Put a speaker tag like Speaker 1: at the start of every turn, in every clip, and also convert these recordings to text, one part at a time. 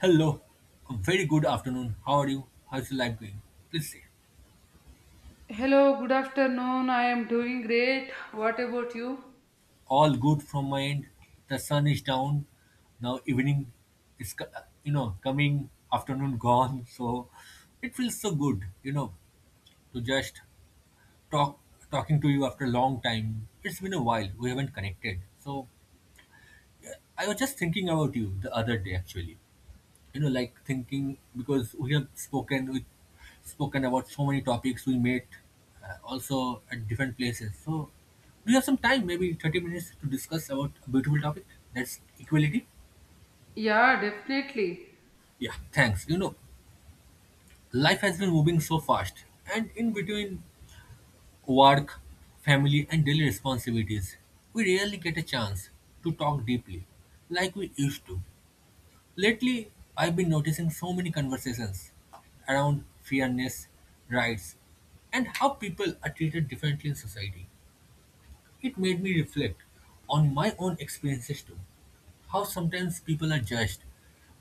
Speaker 1: Hello, very good afternoon. How are you? How's your life going? Please say.
Speaker 2: Hello, good afternoon. I am doing great. What about you?
Speaker 1: All good from my end. The sun is down. Now evening is coming. Afternoon gone. So it feels so good, to just talk, talking to you after a long time. It's been a while. We haven't connected. So I was just thinking about you the other day, actually. Like thinking, because we have spoken about so many topics. We met also at different places. So do you have some time, maybe 30 minutes, to discuss about a beautiful topic? That's equality.
Speaker 2: Yeah, definitely.
Speaker 1: Yeah, thanks. Life has been moving so fast, and in between work, family, and daily responsibilities, we rarely get a chance to talk deeply like we used to. Lately, I've been noticing so many conversations around fairness, rights, and how people are treated differently in society. It made me reflect on my own experiences too. How sometimes people are judged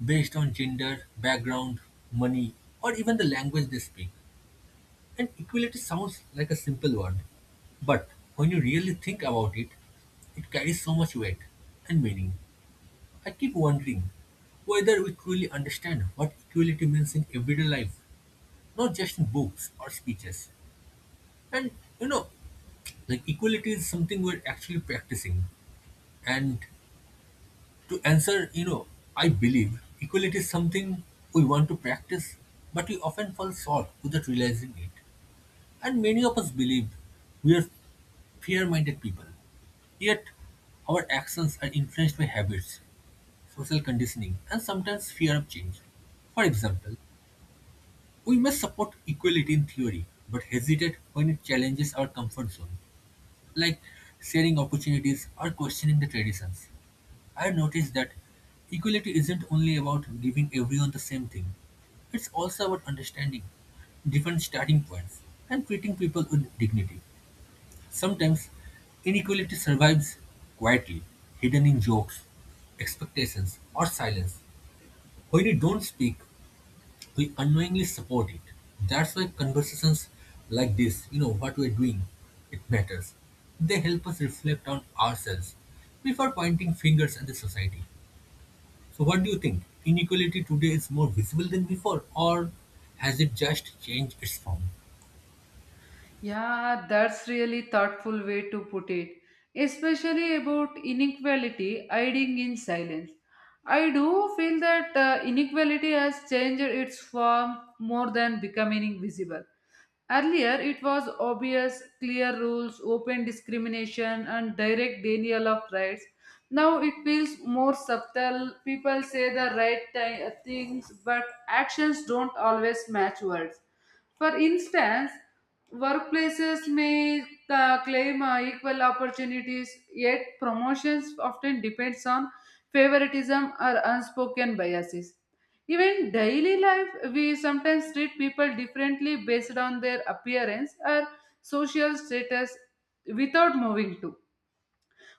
Speaker 1: based on gender, background, money, or even the language they speak. And equality sounds like a simple word, but when you really think about it, it carries so much weight and meaning. I keep wondering whether we truly understand what equality means in everyday life, not just in books or speeches. And you know, like equality is something we're actually practicing. And to answer, I believe equality is something we want to practice, but we often fall short without realizing it. And many of us believe we are fair minded people. Yet, our actions are influenced by habits, social conditioning, and sometimes fear of change. For example, we may support equality in theory but hesitate when it challenges our comfort zone, like sharing opportunities or questioning the traditions. I noticed that equality isn't only about giving everyone the same thing, it's also about understanding different starting points and treating people with dignity. Sometimes inequality survives quietly, hidden in jokes, expectations, or silence. When we don't speak, we unknowingly support it. That's why conversations like this, what we're doing, it matters. They help us reflect on ourselves before pointing fingers at the society. So, what do you think? Inequality today is more visible than before, or has it just changed its form?
Speaker 2: Yeah, that's really thoughtful way to put it, especially about inequality hiding in silence. I do feel that inequality has changed its form more than becoming visible. Earlier, it was obvious, clear rules, open discrimination, and direct denial of rights. Now it feels more subtle. People say the right things, but actions don't always match words. For instance, workplaces may claim equal opportunities, yet promotions often depends on favoritism or unspoken biases. Even daily life, we sometimes treat people differently based on their appearance or social status without moving to.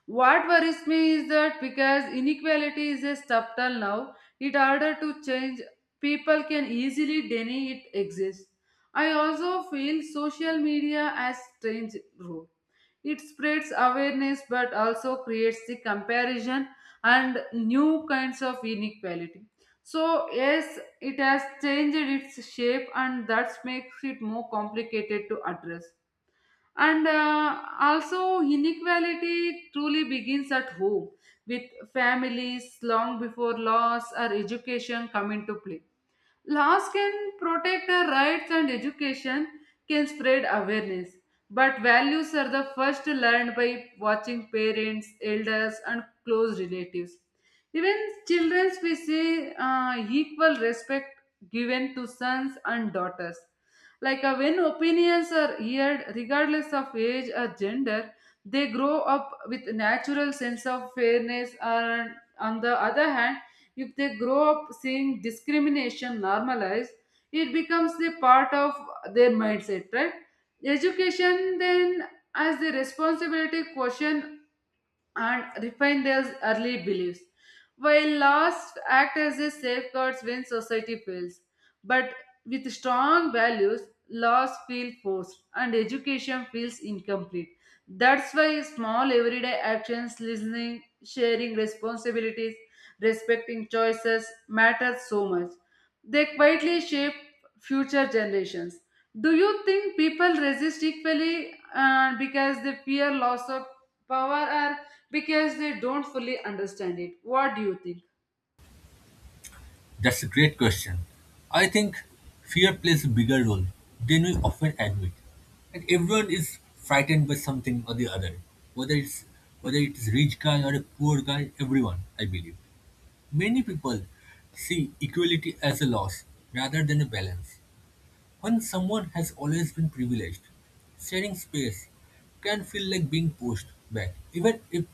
Speaker 2: What worries me is that because inequality is a subtle now, in order to change, people can easily deny it exists. I also feel social media has strange role. It spreads awareness but also creates the comparison and new kinds of inequality. So yes, it has changed its shape and that makes it more complicated to address. And also, inequality truly begins at home, with families long before laws or education come into play. Laws can protect our rights and education can spread awareness. But values are the first learned by watching parents, elders, and close relatives. Even children, we see equal respect given to sons and daughters. Like when opinions are heard, regardless of age or gender, they grow up with natural sense of fairness. And on the other hand, if they grow up seeing discrimination normalized, it becomes a part of their mindset, right? Education then as the responsibility question and refine their early beliefs, while laws act as a safeguards when society fails. But with strong values, laws feel forced and education feels incomplete. That's why small everyday actions, listening, sharing responsibilities, respecting choices matter so much. They quietly shape future generations. Do you think people resist equally because they fear loss of power or because they don't fully understand it? What do you think?
Speaker 1: That's a great question. I think fear plays a bigger role than we often admit. And everyone is frightened by something or the other. Whether it's whether it is rich guy or a poor guy, everyone, I believe. Many people see equality as a loss rather than a balance. When someone has always been privileged, sharing space can feel like being pushed back, even if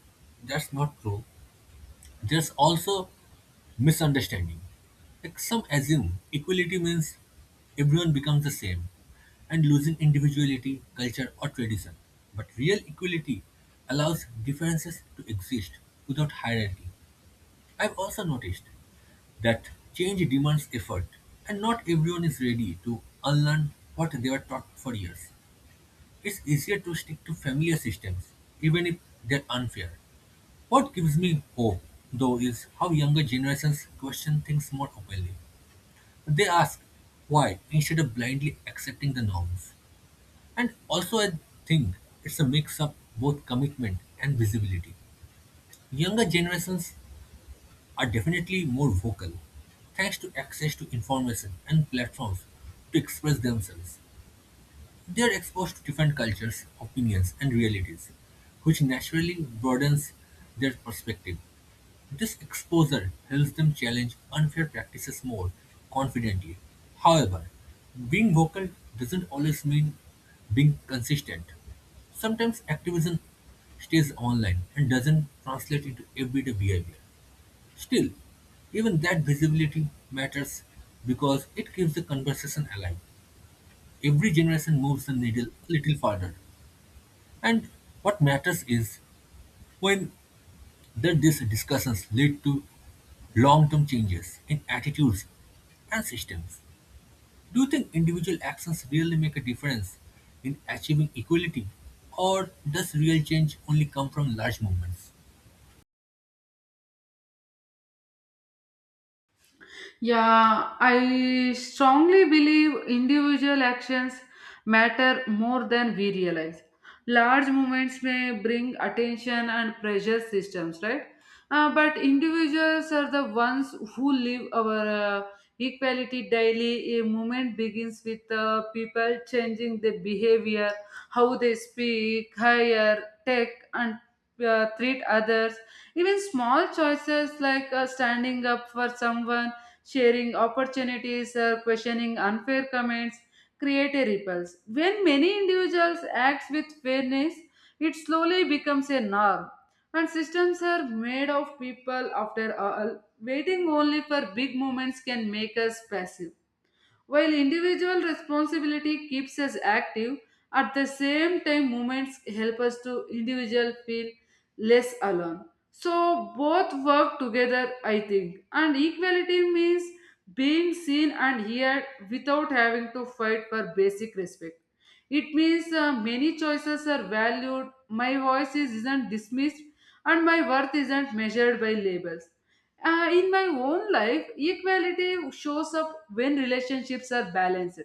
Speaker 1: that's not true. There's also misunderstanding. Like some assume equality means everyone becomes the same and losing individuality, culture, or tradition. But real equality allows differences to exist without hierarchy. I've also noticed that change demands effort, and not everyone is ready to unlearn what they were taught for years. It's easier to stick to familiar systems, even if they're unfair. What gives me hope, though, is how younger generations question things more openly. They ask why instead of blindly accepting the norms. And also, I think it's a mix of both commitment and visibility. Younger generations are definitely more vocal, thanks to access to information and platforms to express themselves. They are exposed to different cultures, opinions, and realities, which naturally broadens their perspective. This exposure helps them challenge unfair practices more confidently. However, being vocal doesn't always mean being consistent. Sometimes activism stays online and doesn't translate into everyday behavior. Still, even that visibility matters because it keeps the conversation alive. Every generation moves the needle a little further. And what matters is when that these discussions lead to long-term changes in attitudes and systems. Do you think individual actions really make a difference in achieving equality? Or does real change only come from large movements?
Speaker 2: Yeah, I strongly believe individual actions matter more than we realize. Large movements may bring attention and pressure systems, right? But individuals are the ones who live our uh, equality daily. A movement begins with people changing their behavior, how they speak, hire, take, and treat others. Even small choices like standing up for someone sharing opportunities or questioning unfair comments create a repulse. When many individuals act with fairness, it slowly becomes a norm. And systems are made of people after all. Waiting only for big moments can make us passive. While individual responsibility keeps us active, at the same time movements help us to individual feel less alone. So both work together, I think. And equality means being seen and heard without having to fight for basic respect. It means many choices are valued, my voice isn't dismissed, and my worth isn't measured by labels. In my own life, equality shows up when relationships are balanced,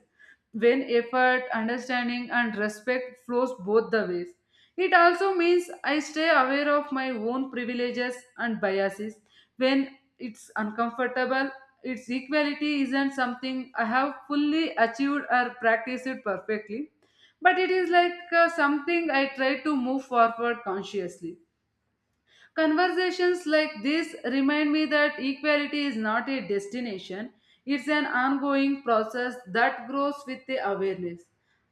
Speaker 2: when effort, understanding, and respect flows both the ways. It also means I stay aware of my own privileges and biases when it's uncomfortable. Its equality isn't something I have fully achieved or practiced perfectly, but it is like something I try to move forward consciously. Conversations like this remind me that equality is not a destination, it's an ongoing process that grows with the awareness.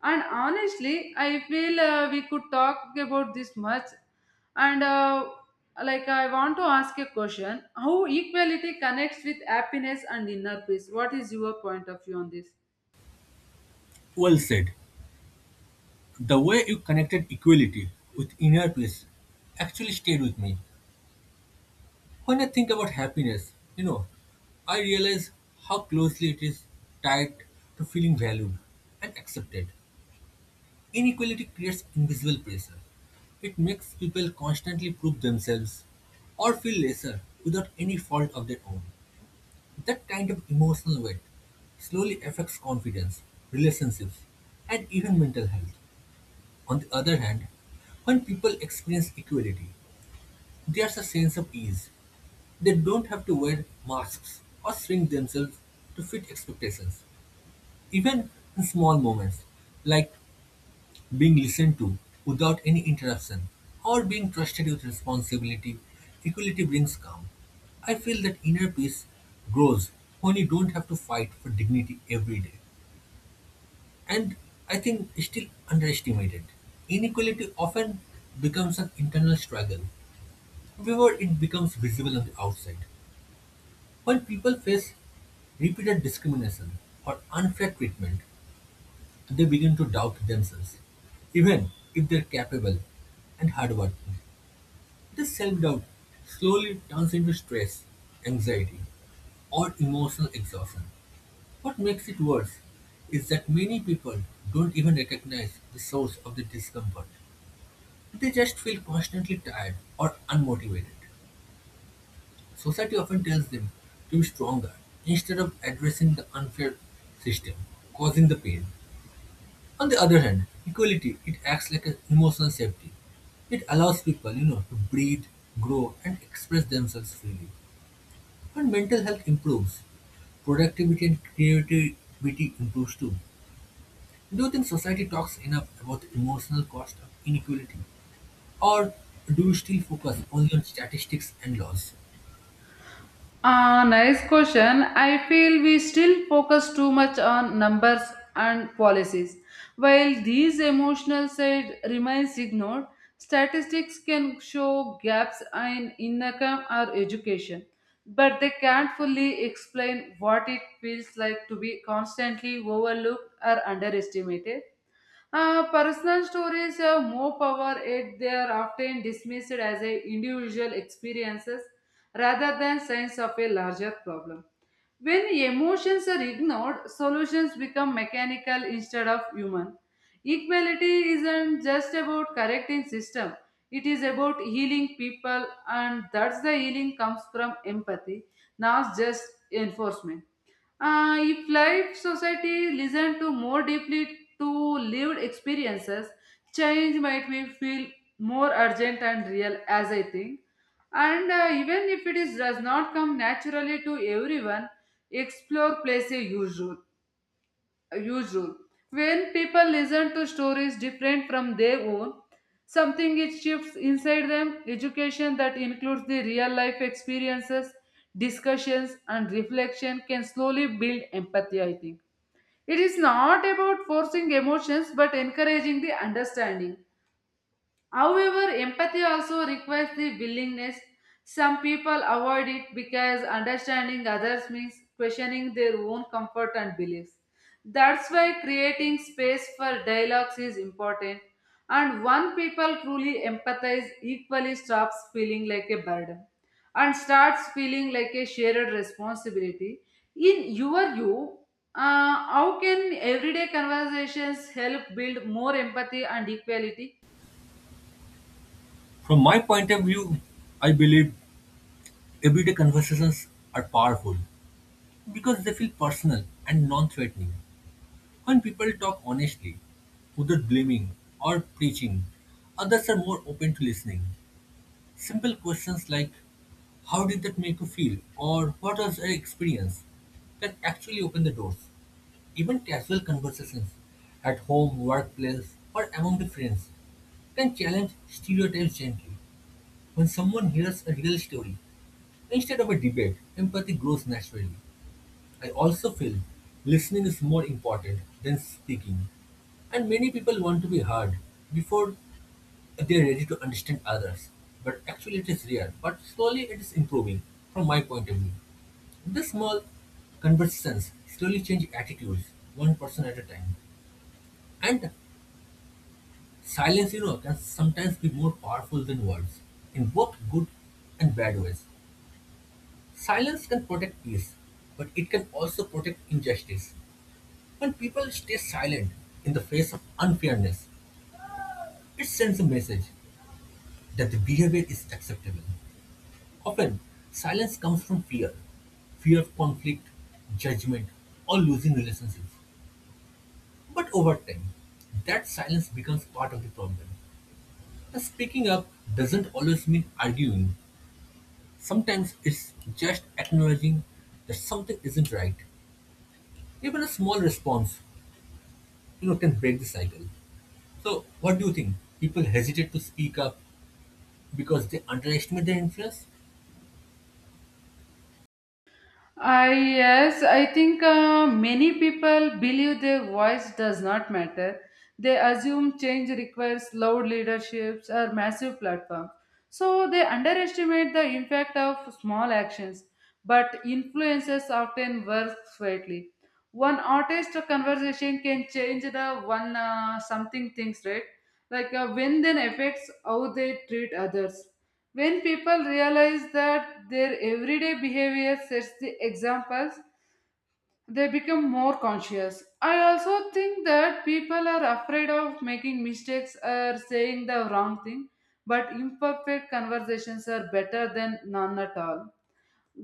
Speaker 2: And honestly, I feel we could talk about this much. And like, I want to ask a question how equality connects with happiness and inner peace? What is your point of view on this?
Speaker 1: Well said. The way you connected equality with inner peace actually stayed with me. When I think about happiness, I realize how closely it is tied to feeling valued and accepted. Inequality creates invisible pressure. It makes people constantly prove themselves or feel lesser without any fault of their own. That kind of emotional weight slowly affects confidence, relationships, and even mental health. On the other hand, when people experience equality, there's a sense of ease. They don't have to wear masks or shrink themselves to fit expectations, even in small moments, like being listened to without any interruption or being trusted with responsibility. Equality brings calm. I feel that inner peace grows when you don't have to fight for dignity every day. And I think it's still underestimated. Inequality often becomes an internal struggle before it becomes visible on the outside. When people face repeated discrimination or unfair treatment, they begin to doubt themselves, even if they're capable and hardworking. This self doubt slowly turns into stress, anxiety, or emotional exhaustion. What makes it worse is that many people don't even recognize the source of the discomfort. They just feel constantly tired or unmotivated. Society often tells them to be stronger instead of addressing the unfair system causing the pain. On the other hand, equality it acts like an emotional safety. It allows people, to breathe, grow, and express themselves freely. When mental health improves, productivity and creativity improves too. Do you think society talks enough about the emotional cost of inequality? Or do you still focus only on statistics and laws?
Speaker 2: Ah, nice question. I feel we still focus too much on numbers and policies. While these emotional side remains ignored, statistics can show gaps in income or education, but they can't fully explain what it feels like to be constantly overlooked or underestimated. Personal stories have more power yet they are often dismissed as a individual experiences rather than signs of a larger problem. When emotions are ignored, solutions become mechanical instead of human. Equality isn't just about correcting system. It is about healing people and that's the healing comes from empathy, not just enforcement. If life society listen to more deeply to lived experiences, change might be feel more urgent and real, as I think. And even if it is does not come naturally to everyone, explore plays a huge role usual. When people listen to stories different from their own, something it shifts inside them. Education that includes the real life experiences, discussions, and reflection can slowly build empathy, I think. It is not about forcing emotions but encouraging the understanding. However, empathy also requires the willingness. Some people avoid it because understanding others means questioning their own comfort and beliefs. That's why creating space for dialogues is important. And when people truly empathize, equally stops feeling like a burden and starts feeling like a shared responsibility. In your view, uh, how can everyday conversations help build more empathy and equality?
Speaker 1: From my point of view, I believe everyday conversations are powerful because they feel personal and non threatening. When people talk honestly, without blaming or preaching, others are more open to listening. Simple questions like, how did that make you feel? Or what was your experience? Can actually open the doors. Even casual conversations at home, workplace, or among the friends can challenge stereotypes gently. When someone hears a real story, instead of a debate, empathy grows naturally. I also feel listening is more important than speaking. And many people want to be heard before they are ready to understand others. But actually, it is rare. But slowly, it is improving, from my point of view. The small conversations slowly change attitudes, one person at a time. And silence, can sometimes be more powerful than words in both good and bad ways. Silence can protect peace, but it can also protect injustice. When people stay silent in the face of unfairness, it sends a message that the behavior is acceptable. Often, silence comes from fear, of conflict, judgment, or losing relationships. But over time, that silence becomes part of the problem. And speaking up doesn't always mean arguing. Sometimes it's just acknowledging that something isn't right. Even a small response, can break the cycle. So, what do you think? People hesitate to speak up because they underestimate their influence?
Speaker 2: I yes, I think many people believe their voice does not matter. They assume change requires loud leaderships or massive platforms. So they underestimate the impact of small actions, but influences often work quietly. One artist conversation can change the one something things, right? Like when then affects how they treat others. When people realize that their everyday behavior sets the examples, they become more conscious. I also think that people are afraid of making mistakes or saying the wrong thing, but imperfect conversations are better than none at all.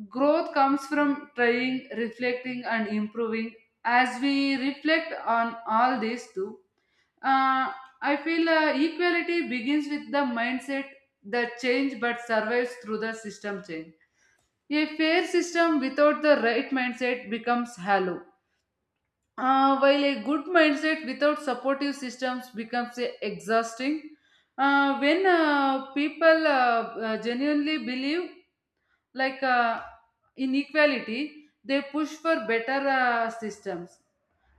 Speaker 2: Growth comes from trying, reflecting, and improving. As we reflect on all these too, uh, I feel equality begins with the mindset that change but survives through the system change. A fair system without the right mindset becomes hollow, while a good mindset without supportive systems becomes exhausting. When people genuinely believe like in equality, they push for better systems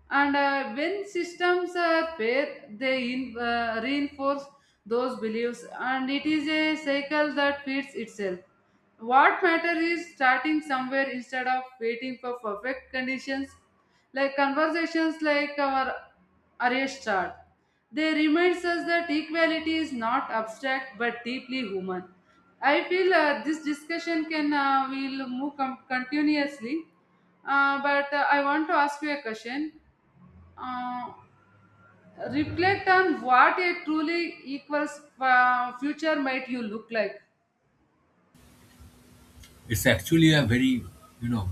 Speaker 2: and when systems are paired, reinforce those beliefs, and it is a cycle that feeds itself. What matters is starting somewhere instead of waiting for perfect conditions, like conversations like our array start. They reminds us that equality is not abstract but deeply human. I feel this discussion can will move continuously, but I want to ask you a question, uh, reflect on what a truly equals future might you look like.
Speaker 1: It's actually a very, you know,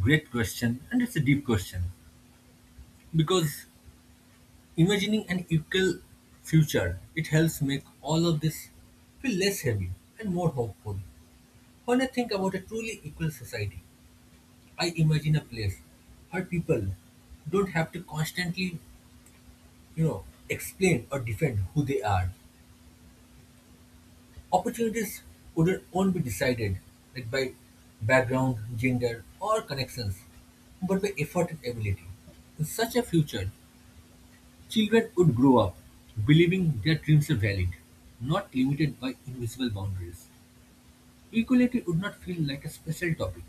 Speaker 1: great question, and it's a deep question because imagining an equal future, it helps make all of this feel less heavy and more hopeful. When I think about a truly equal society, I imagine a place where people don't have to constantly, explain or defend who they are. Opportunities wouldn't won't be decided like by background, gender, or connections, but by effort and ability. In such a future, children would grow up believing their dreams are valid, not limited by invisible boundaries. Equality would not feel like a special topic.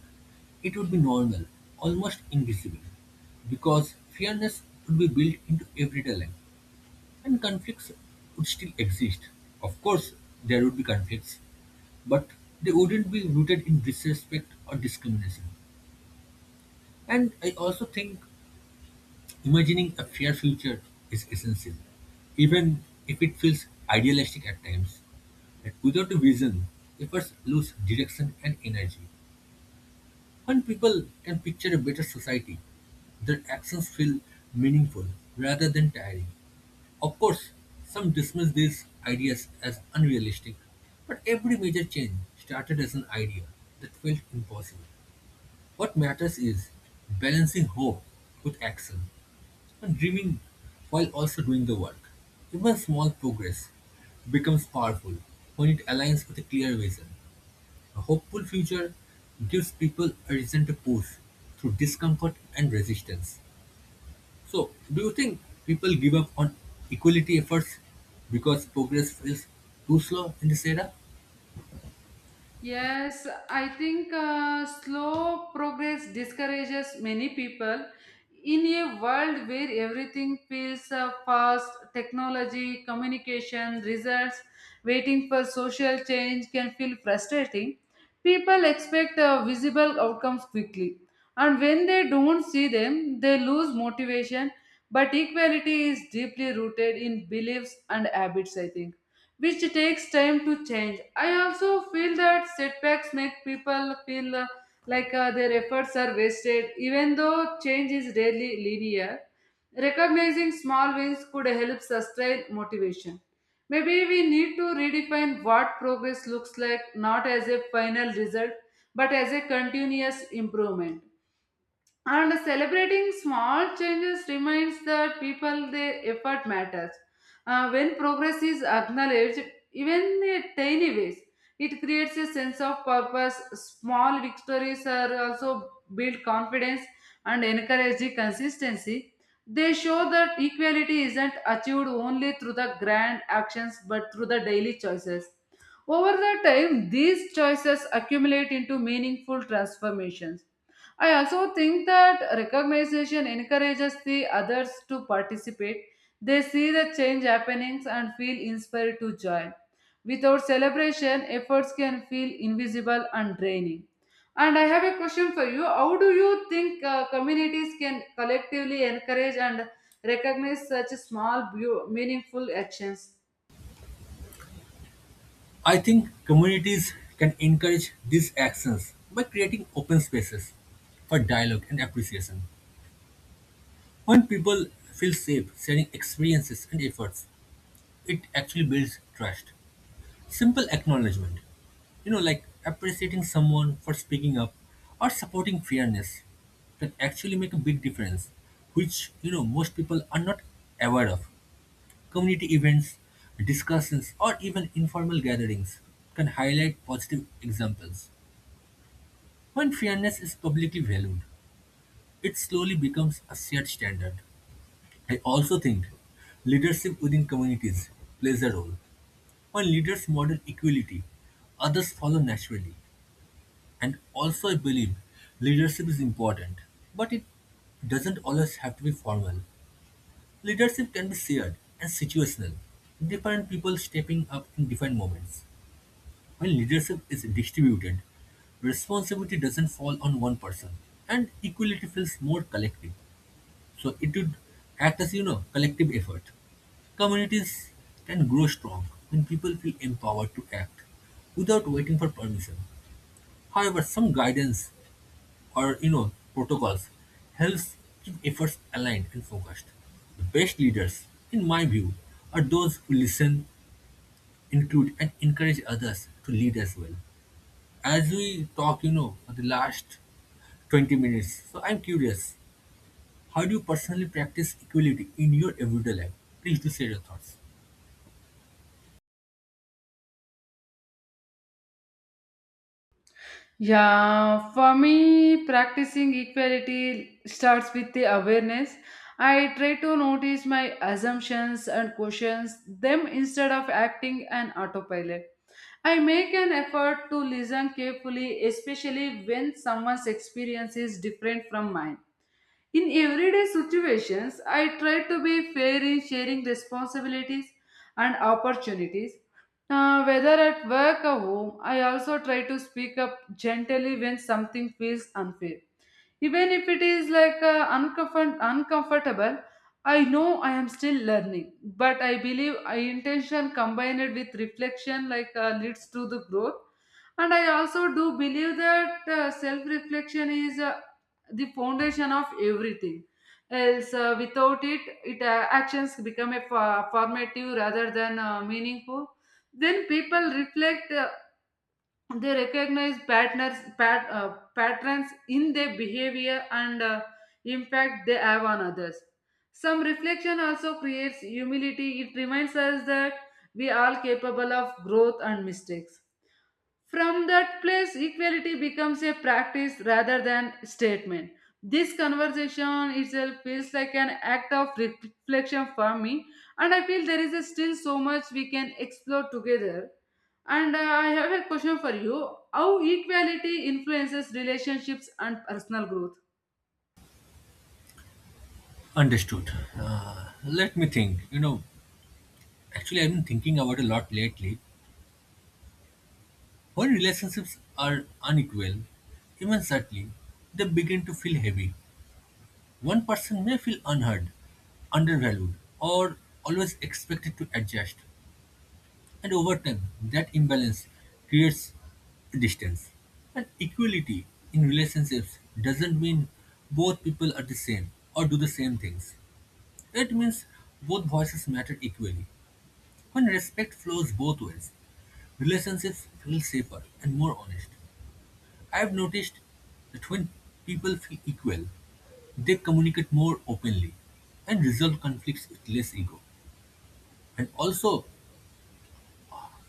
Speaker 1: It would be normal, almost invisible, because fairness would be built into everyday life. And conflicts would still exist. Of course, there would be conflicts, but they wouldn't be rooted in disrespect or discrimination. And I also think imagining a fair future is essential, even if it feels idealistic at times. That without a vision, efforts lose direction and energy. When people can picture a better society, their actions feel meaningful rather than tiring. Of course, some dismiss these ideas as unrealistic, but every major change started as an idea that felt impossible. What matters is balancing hope with action, and dreaming while also doing the work. Even small progress becomes powerful when it aligns with a clear vision. A hopeful future gives people a reason to push through discomfort and resistance. So, do you think people give up on equality efforts because progress feels too slow in this era?
Speaker 2: Yes, I think slow progress discourages many people. In a world where everything feels fast, technology, communication, results, waiting for social change can feel frustrating. People expect visible outcomes quickly, and when they don't see them, they lose motivation. But equality is deeply rooted in beliefs and habits, I think, which takes time to change. I also feel that setbacks make people feel like their efforts are wasted, even though change is rarely linear. Recognizing small wins could help sustain motivation. Maybe we need to redefine what progress looks like, not as a final result but as a continuous improvement, and celebrating small changes reminds that people their effort matters. When progress is acknowledged, even in tiny ways, it creates a sense of purpose. Small victories are also build confidence and encourage the consistency. They show that equality isn't achieved only through the grand actions but through the daily choices. Over the time, these choices accumulate into meaningful transformations. I also think that recognition encourages the others to participate. They see the change happenings and feel inspired to join. Without celebration, efforts can feel invisible and draining. And I have a question for you. How do you think communities can collectively encourage and recognize such small, meaningful actions?
Speaker 1: I think communities can encourage these actions by creating open spaces for dialogue and appreciation. When people feel safe sharing experiences and efforts, it actually builds trust. Simple acknowledgement, like appreciating someone for speaking up or supporting fairness, can actually make a big difference, which, most people are not aware of. Community events, discussions, or even informal gatherings can highlight positive examples. When fairness is publicly valued, it slowly becomes a shared standard. I also think leadership within communities plays a role. When leaders model equality, others follow naturally. And also, I believe leadership is important, but it doesn't always have to be formal. Leadership can be shared and situational, different people stepping up in different moments. When leadership is distributed, responsibility doesn't fall on one person, and equality feels more collective. So it would act as, collective effort. Communities can grow strong when people feel empowered to act without waiting for permission. However, some guidance or protocols helps keep efforts aligned and focused. The best leaders, in my view, are those who listen, include, and encourage others to lead as well. As we talk, for the last 20 minutes, so I'm curious, how do you personally practice equality in your everyday life? Please do share your thoughts.
Speaker 2: Yeah, for me, practicing equality starts with the awareness. I try to notice my assumptions and questions them instead of acting an autopilot. I make an effort to listen carefully, especially when someone's experience is different from mine. In everyday situations, I try to be fair in sharing responsibilities and opportunities, whether at work or home, I also try to speak up gently when something feels unfair. Even if it is like uncomfortable, I know I am still learning. But I believe I intention combined with reflection like leads to the growth. And I also do believe that self-reflection is the foundation of everything. Else, without it, actions become a formative rather than meaningful. Then people reflect, they recognize patterns in their behavior and impact they have on others. Some reflection also creates humility. It reminds us that we are capable of growth and mistakes. From that place, equality becomes a practice rather than statement. This conversation itself feels like an act of reflection for me, and I feel there is a still so much we can explore together. And I have a question for you: how equality influences relationships and personal growth?
Speaker 1: Understood. Let me think. Actually, I've been thinking about a lot lately. When relationships are unequal, even subtly, they begin to feel heavy. One person may feel unheard, undervalued, or always expected to adjust. And over time, that imbalance creates distance. And equality in relationships doesn't mean both people are the same or do the same things. It means both voices matter equally. When respect flows both ways, relationships feel safer and more honest. I've noticed that when people feel equal, they communicate more openly and resolve conflicts with less ego. And also,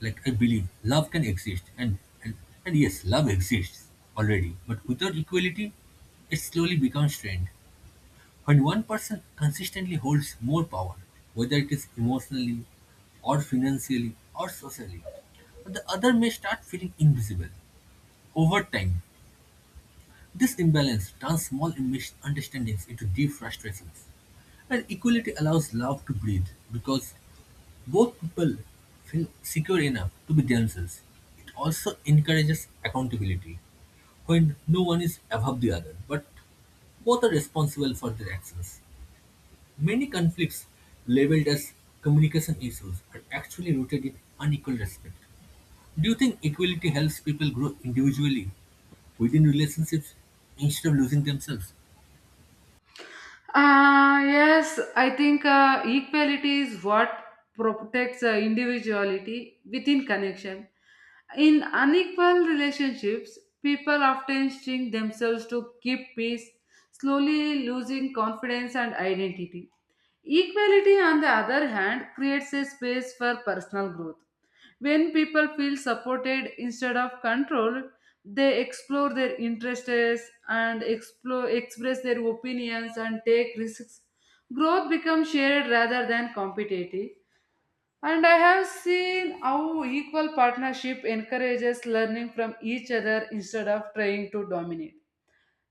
Speaker 1: like I believe, love can exist, and, and yes, love exists already. But without equality, it slowly becomes strained. When one person consistently holds more power, whether it is emotionally, or financially, or socially, the other may start feeling invisible. Over time, this imbalance turns small misunderstandings into deep frustrations. And equality allows love to breathe because both people feel secure enough to be themselves. It also encourages accountability when no one is above the other, but both are responsible for their actions. Many conflicts labeled as communication issues are actually rooted in unequal respect. Do you think equality helps people grow individually within relationships instead of losing themselves?
Speaker 2: Yes, I think equality is what protects individuality within connection. In unequal relationships, people often string themselves to keep peace, slowly losing confidence and identity. Equality, on the other hand, creates a space for personal growth. When people feel supported instead of controlled, they explore their interests and explore, express their opinions and take risks. Growth becomes shared rather than competitive. And I have seen how equal partnership encourages learning from each other instead of trying to dominate.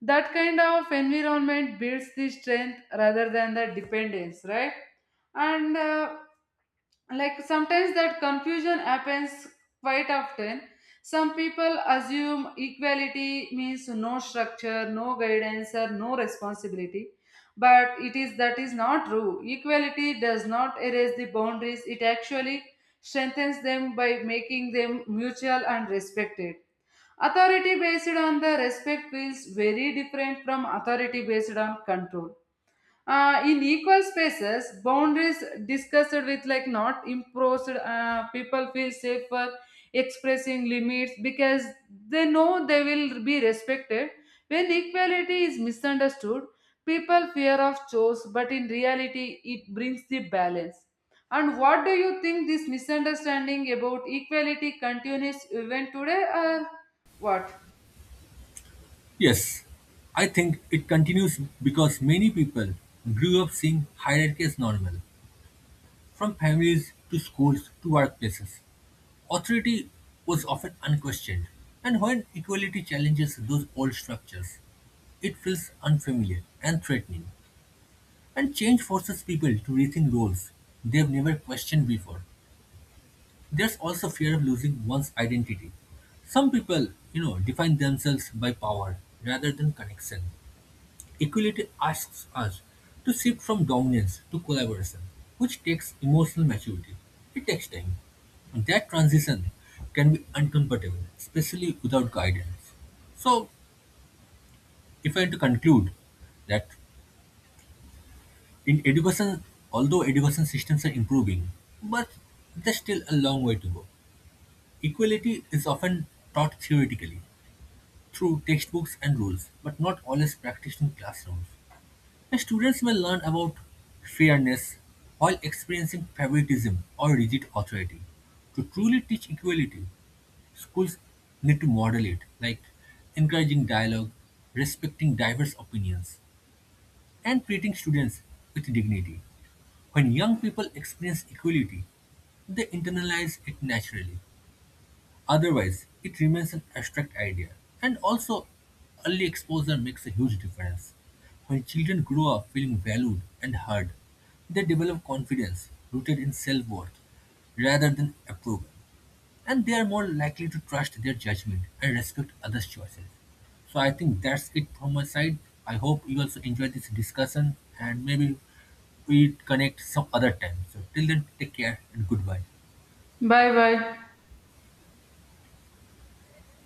Speaker 2: That kind of environment builds the strength rather than the dependence, right? And like, sometimes that confusion happens quite often. Some people assume equality means no structure, no guidance or no responsibility, but it is that is not true. Equality does not erase the boundaries, it actually strengthens them by making them mutual and respected. Authority based on the respect feels very different from authority based on control. In equal spaces, boundaries discussed with like not imposed, people feel safer expressing limits because they know they will be respected. When equality is misunderstood, people fear of choice but in reality it brings the balance. And what do you think, this misunderstanding about equality continues even today or what?
Speaker 1: Yes, I think it continues because many people grew up seeing hierarchy as normal, from families to schools to workplaces. Authority was often unquestioned, and when equality challenges those old structures, it feels unfamiliar and threatening, and change forces people to rethink roles they've never questioned before. There's also fear of losing one's identity. Some people, define themselves by power rather than connection. Equality asks us to shift from dominance to collaboration, which takes emotional maturity. It takes time. And that transition can be uncomfortable, especially without guidance. So, if I had to conclude that in education, although education systems are improving, but there's still a long way to go. Equality is often taught theoretically, through textbooks and rules, but not always practiced in classrooms. And students may learn about fairness while experiencing favoritism or rigid authority. To truly teach equality, schools need to model it, like encouraging dialogue, respecting diverse opinions, and treating students with dignity. When young people experience equality, they internalize it naturally. Otherwise, it remains an abstract idea. And also, early exposure makes a huge difference. When children grow up feeling valued and heard, they develop confidence rooted in self worth rather than approval. And they are more likely to trust their judgment and respect others' choices. So I think that's it from my side. I hope you also enjoyed this discussion and maybe we connect some other time. So till then, take care and goodbye.
Speaker 2: Bye bye.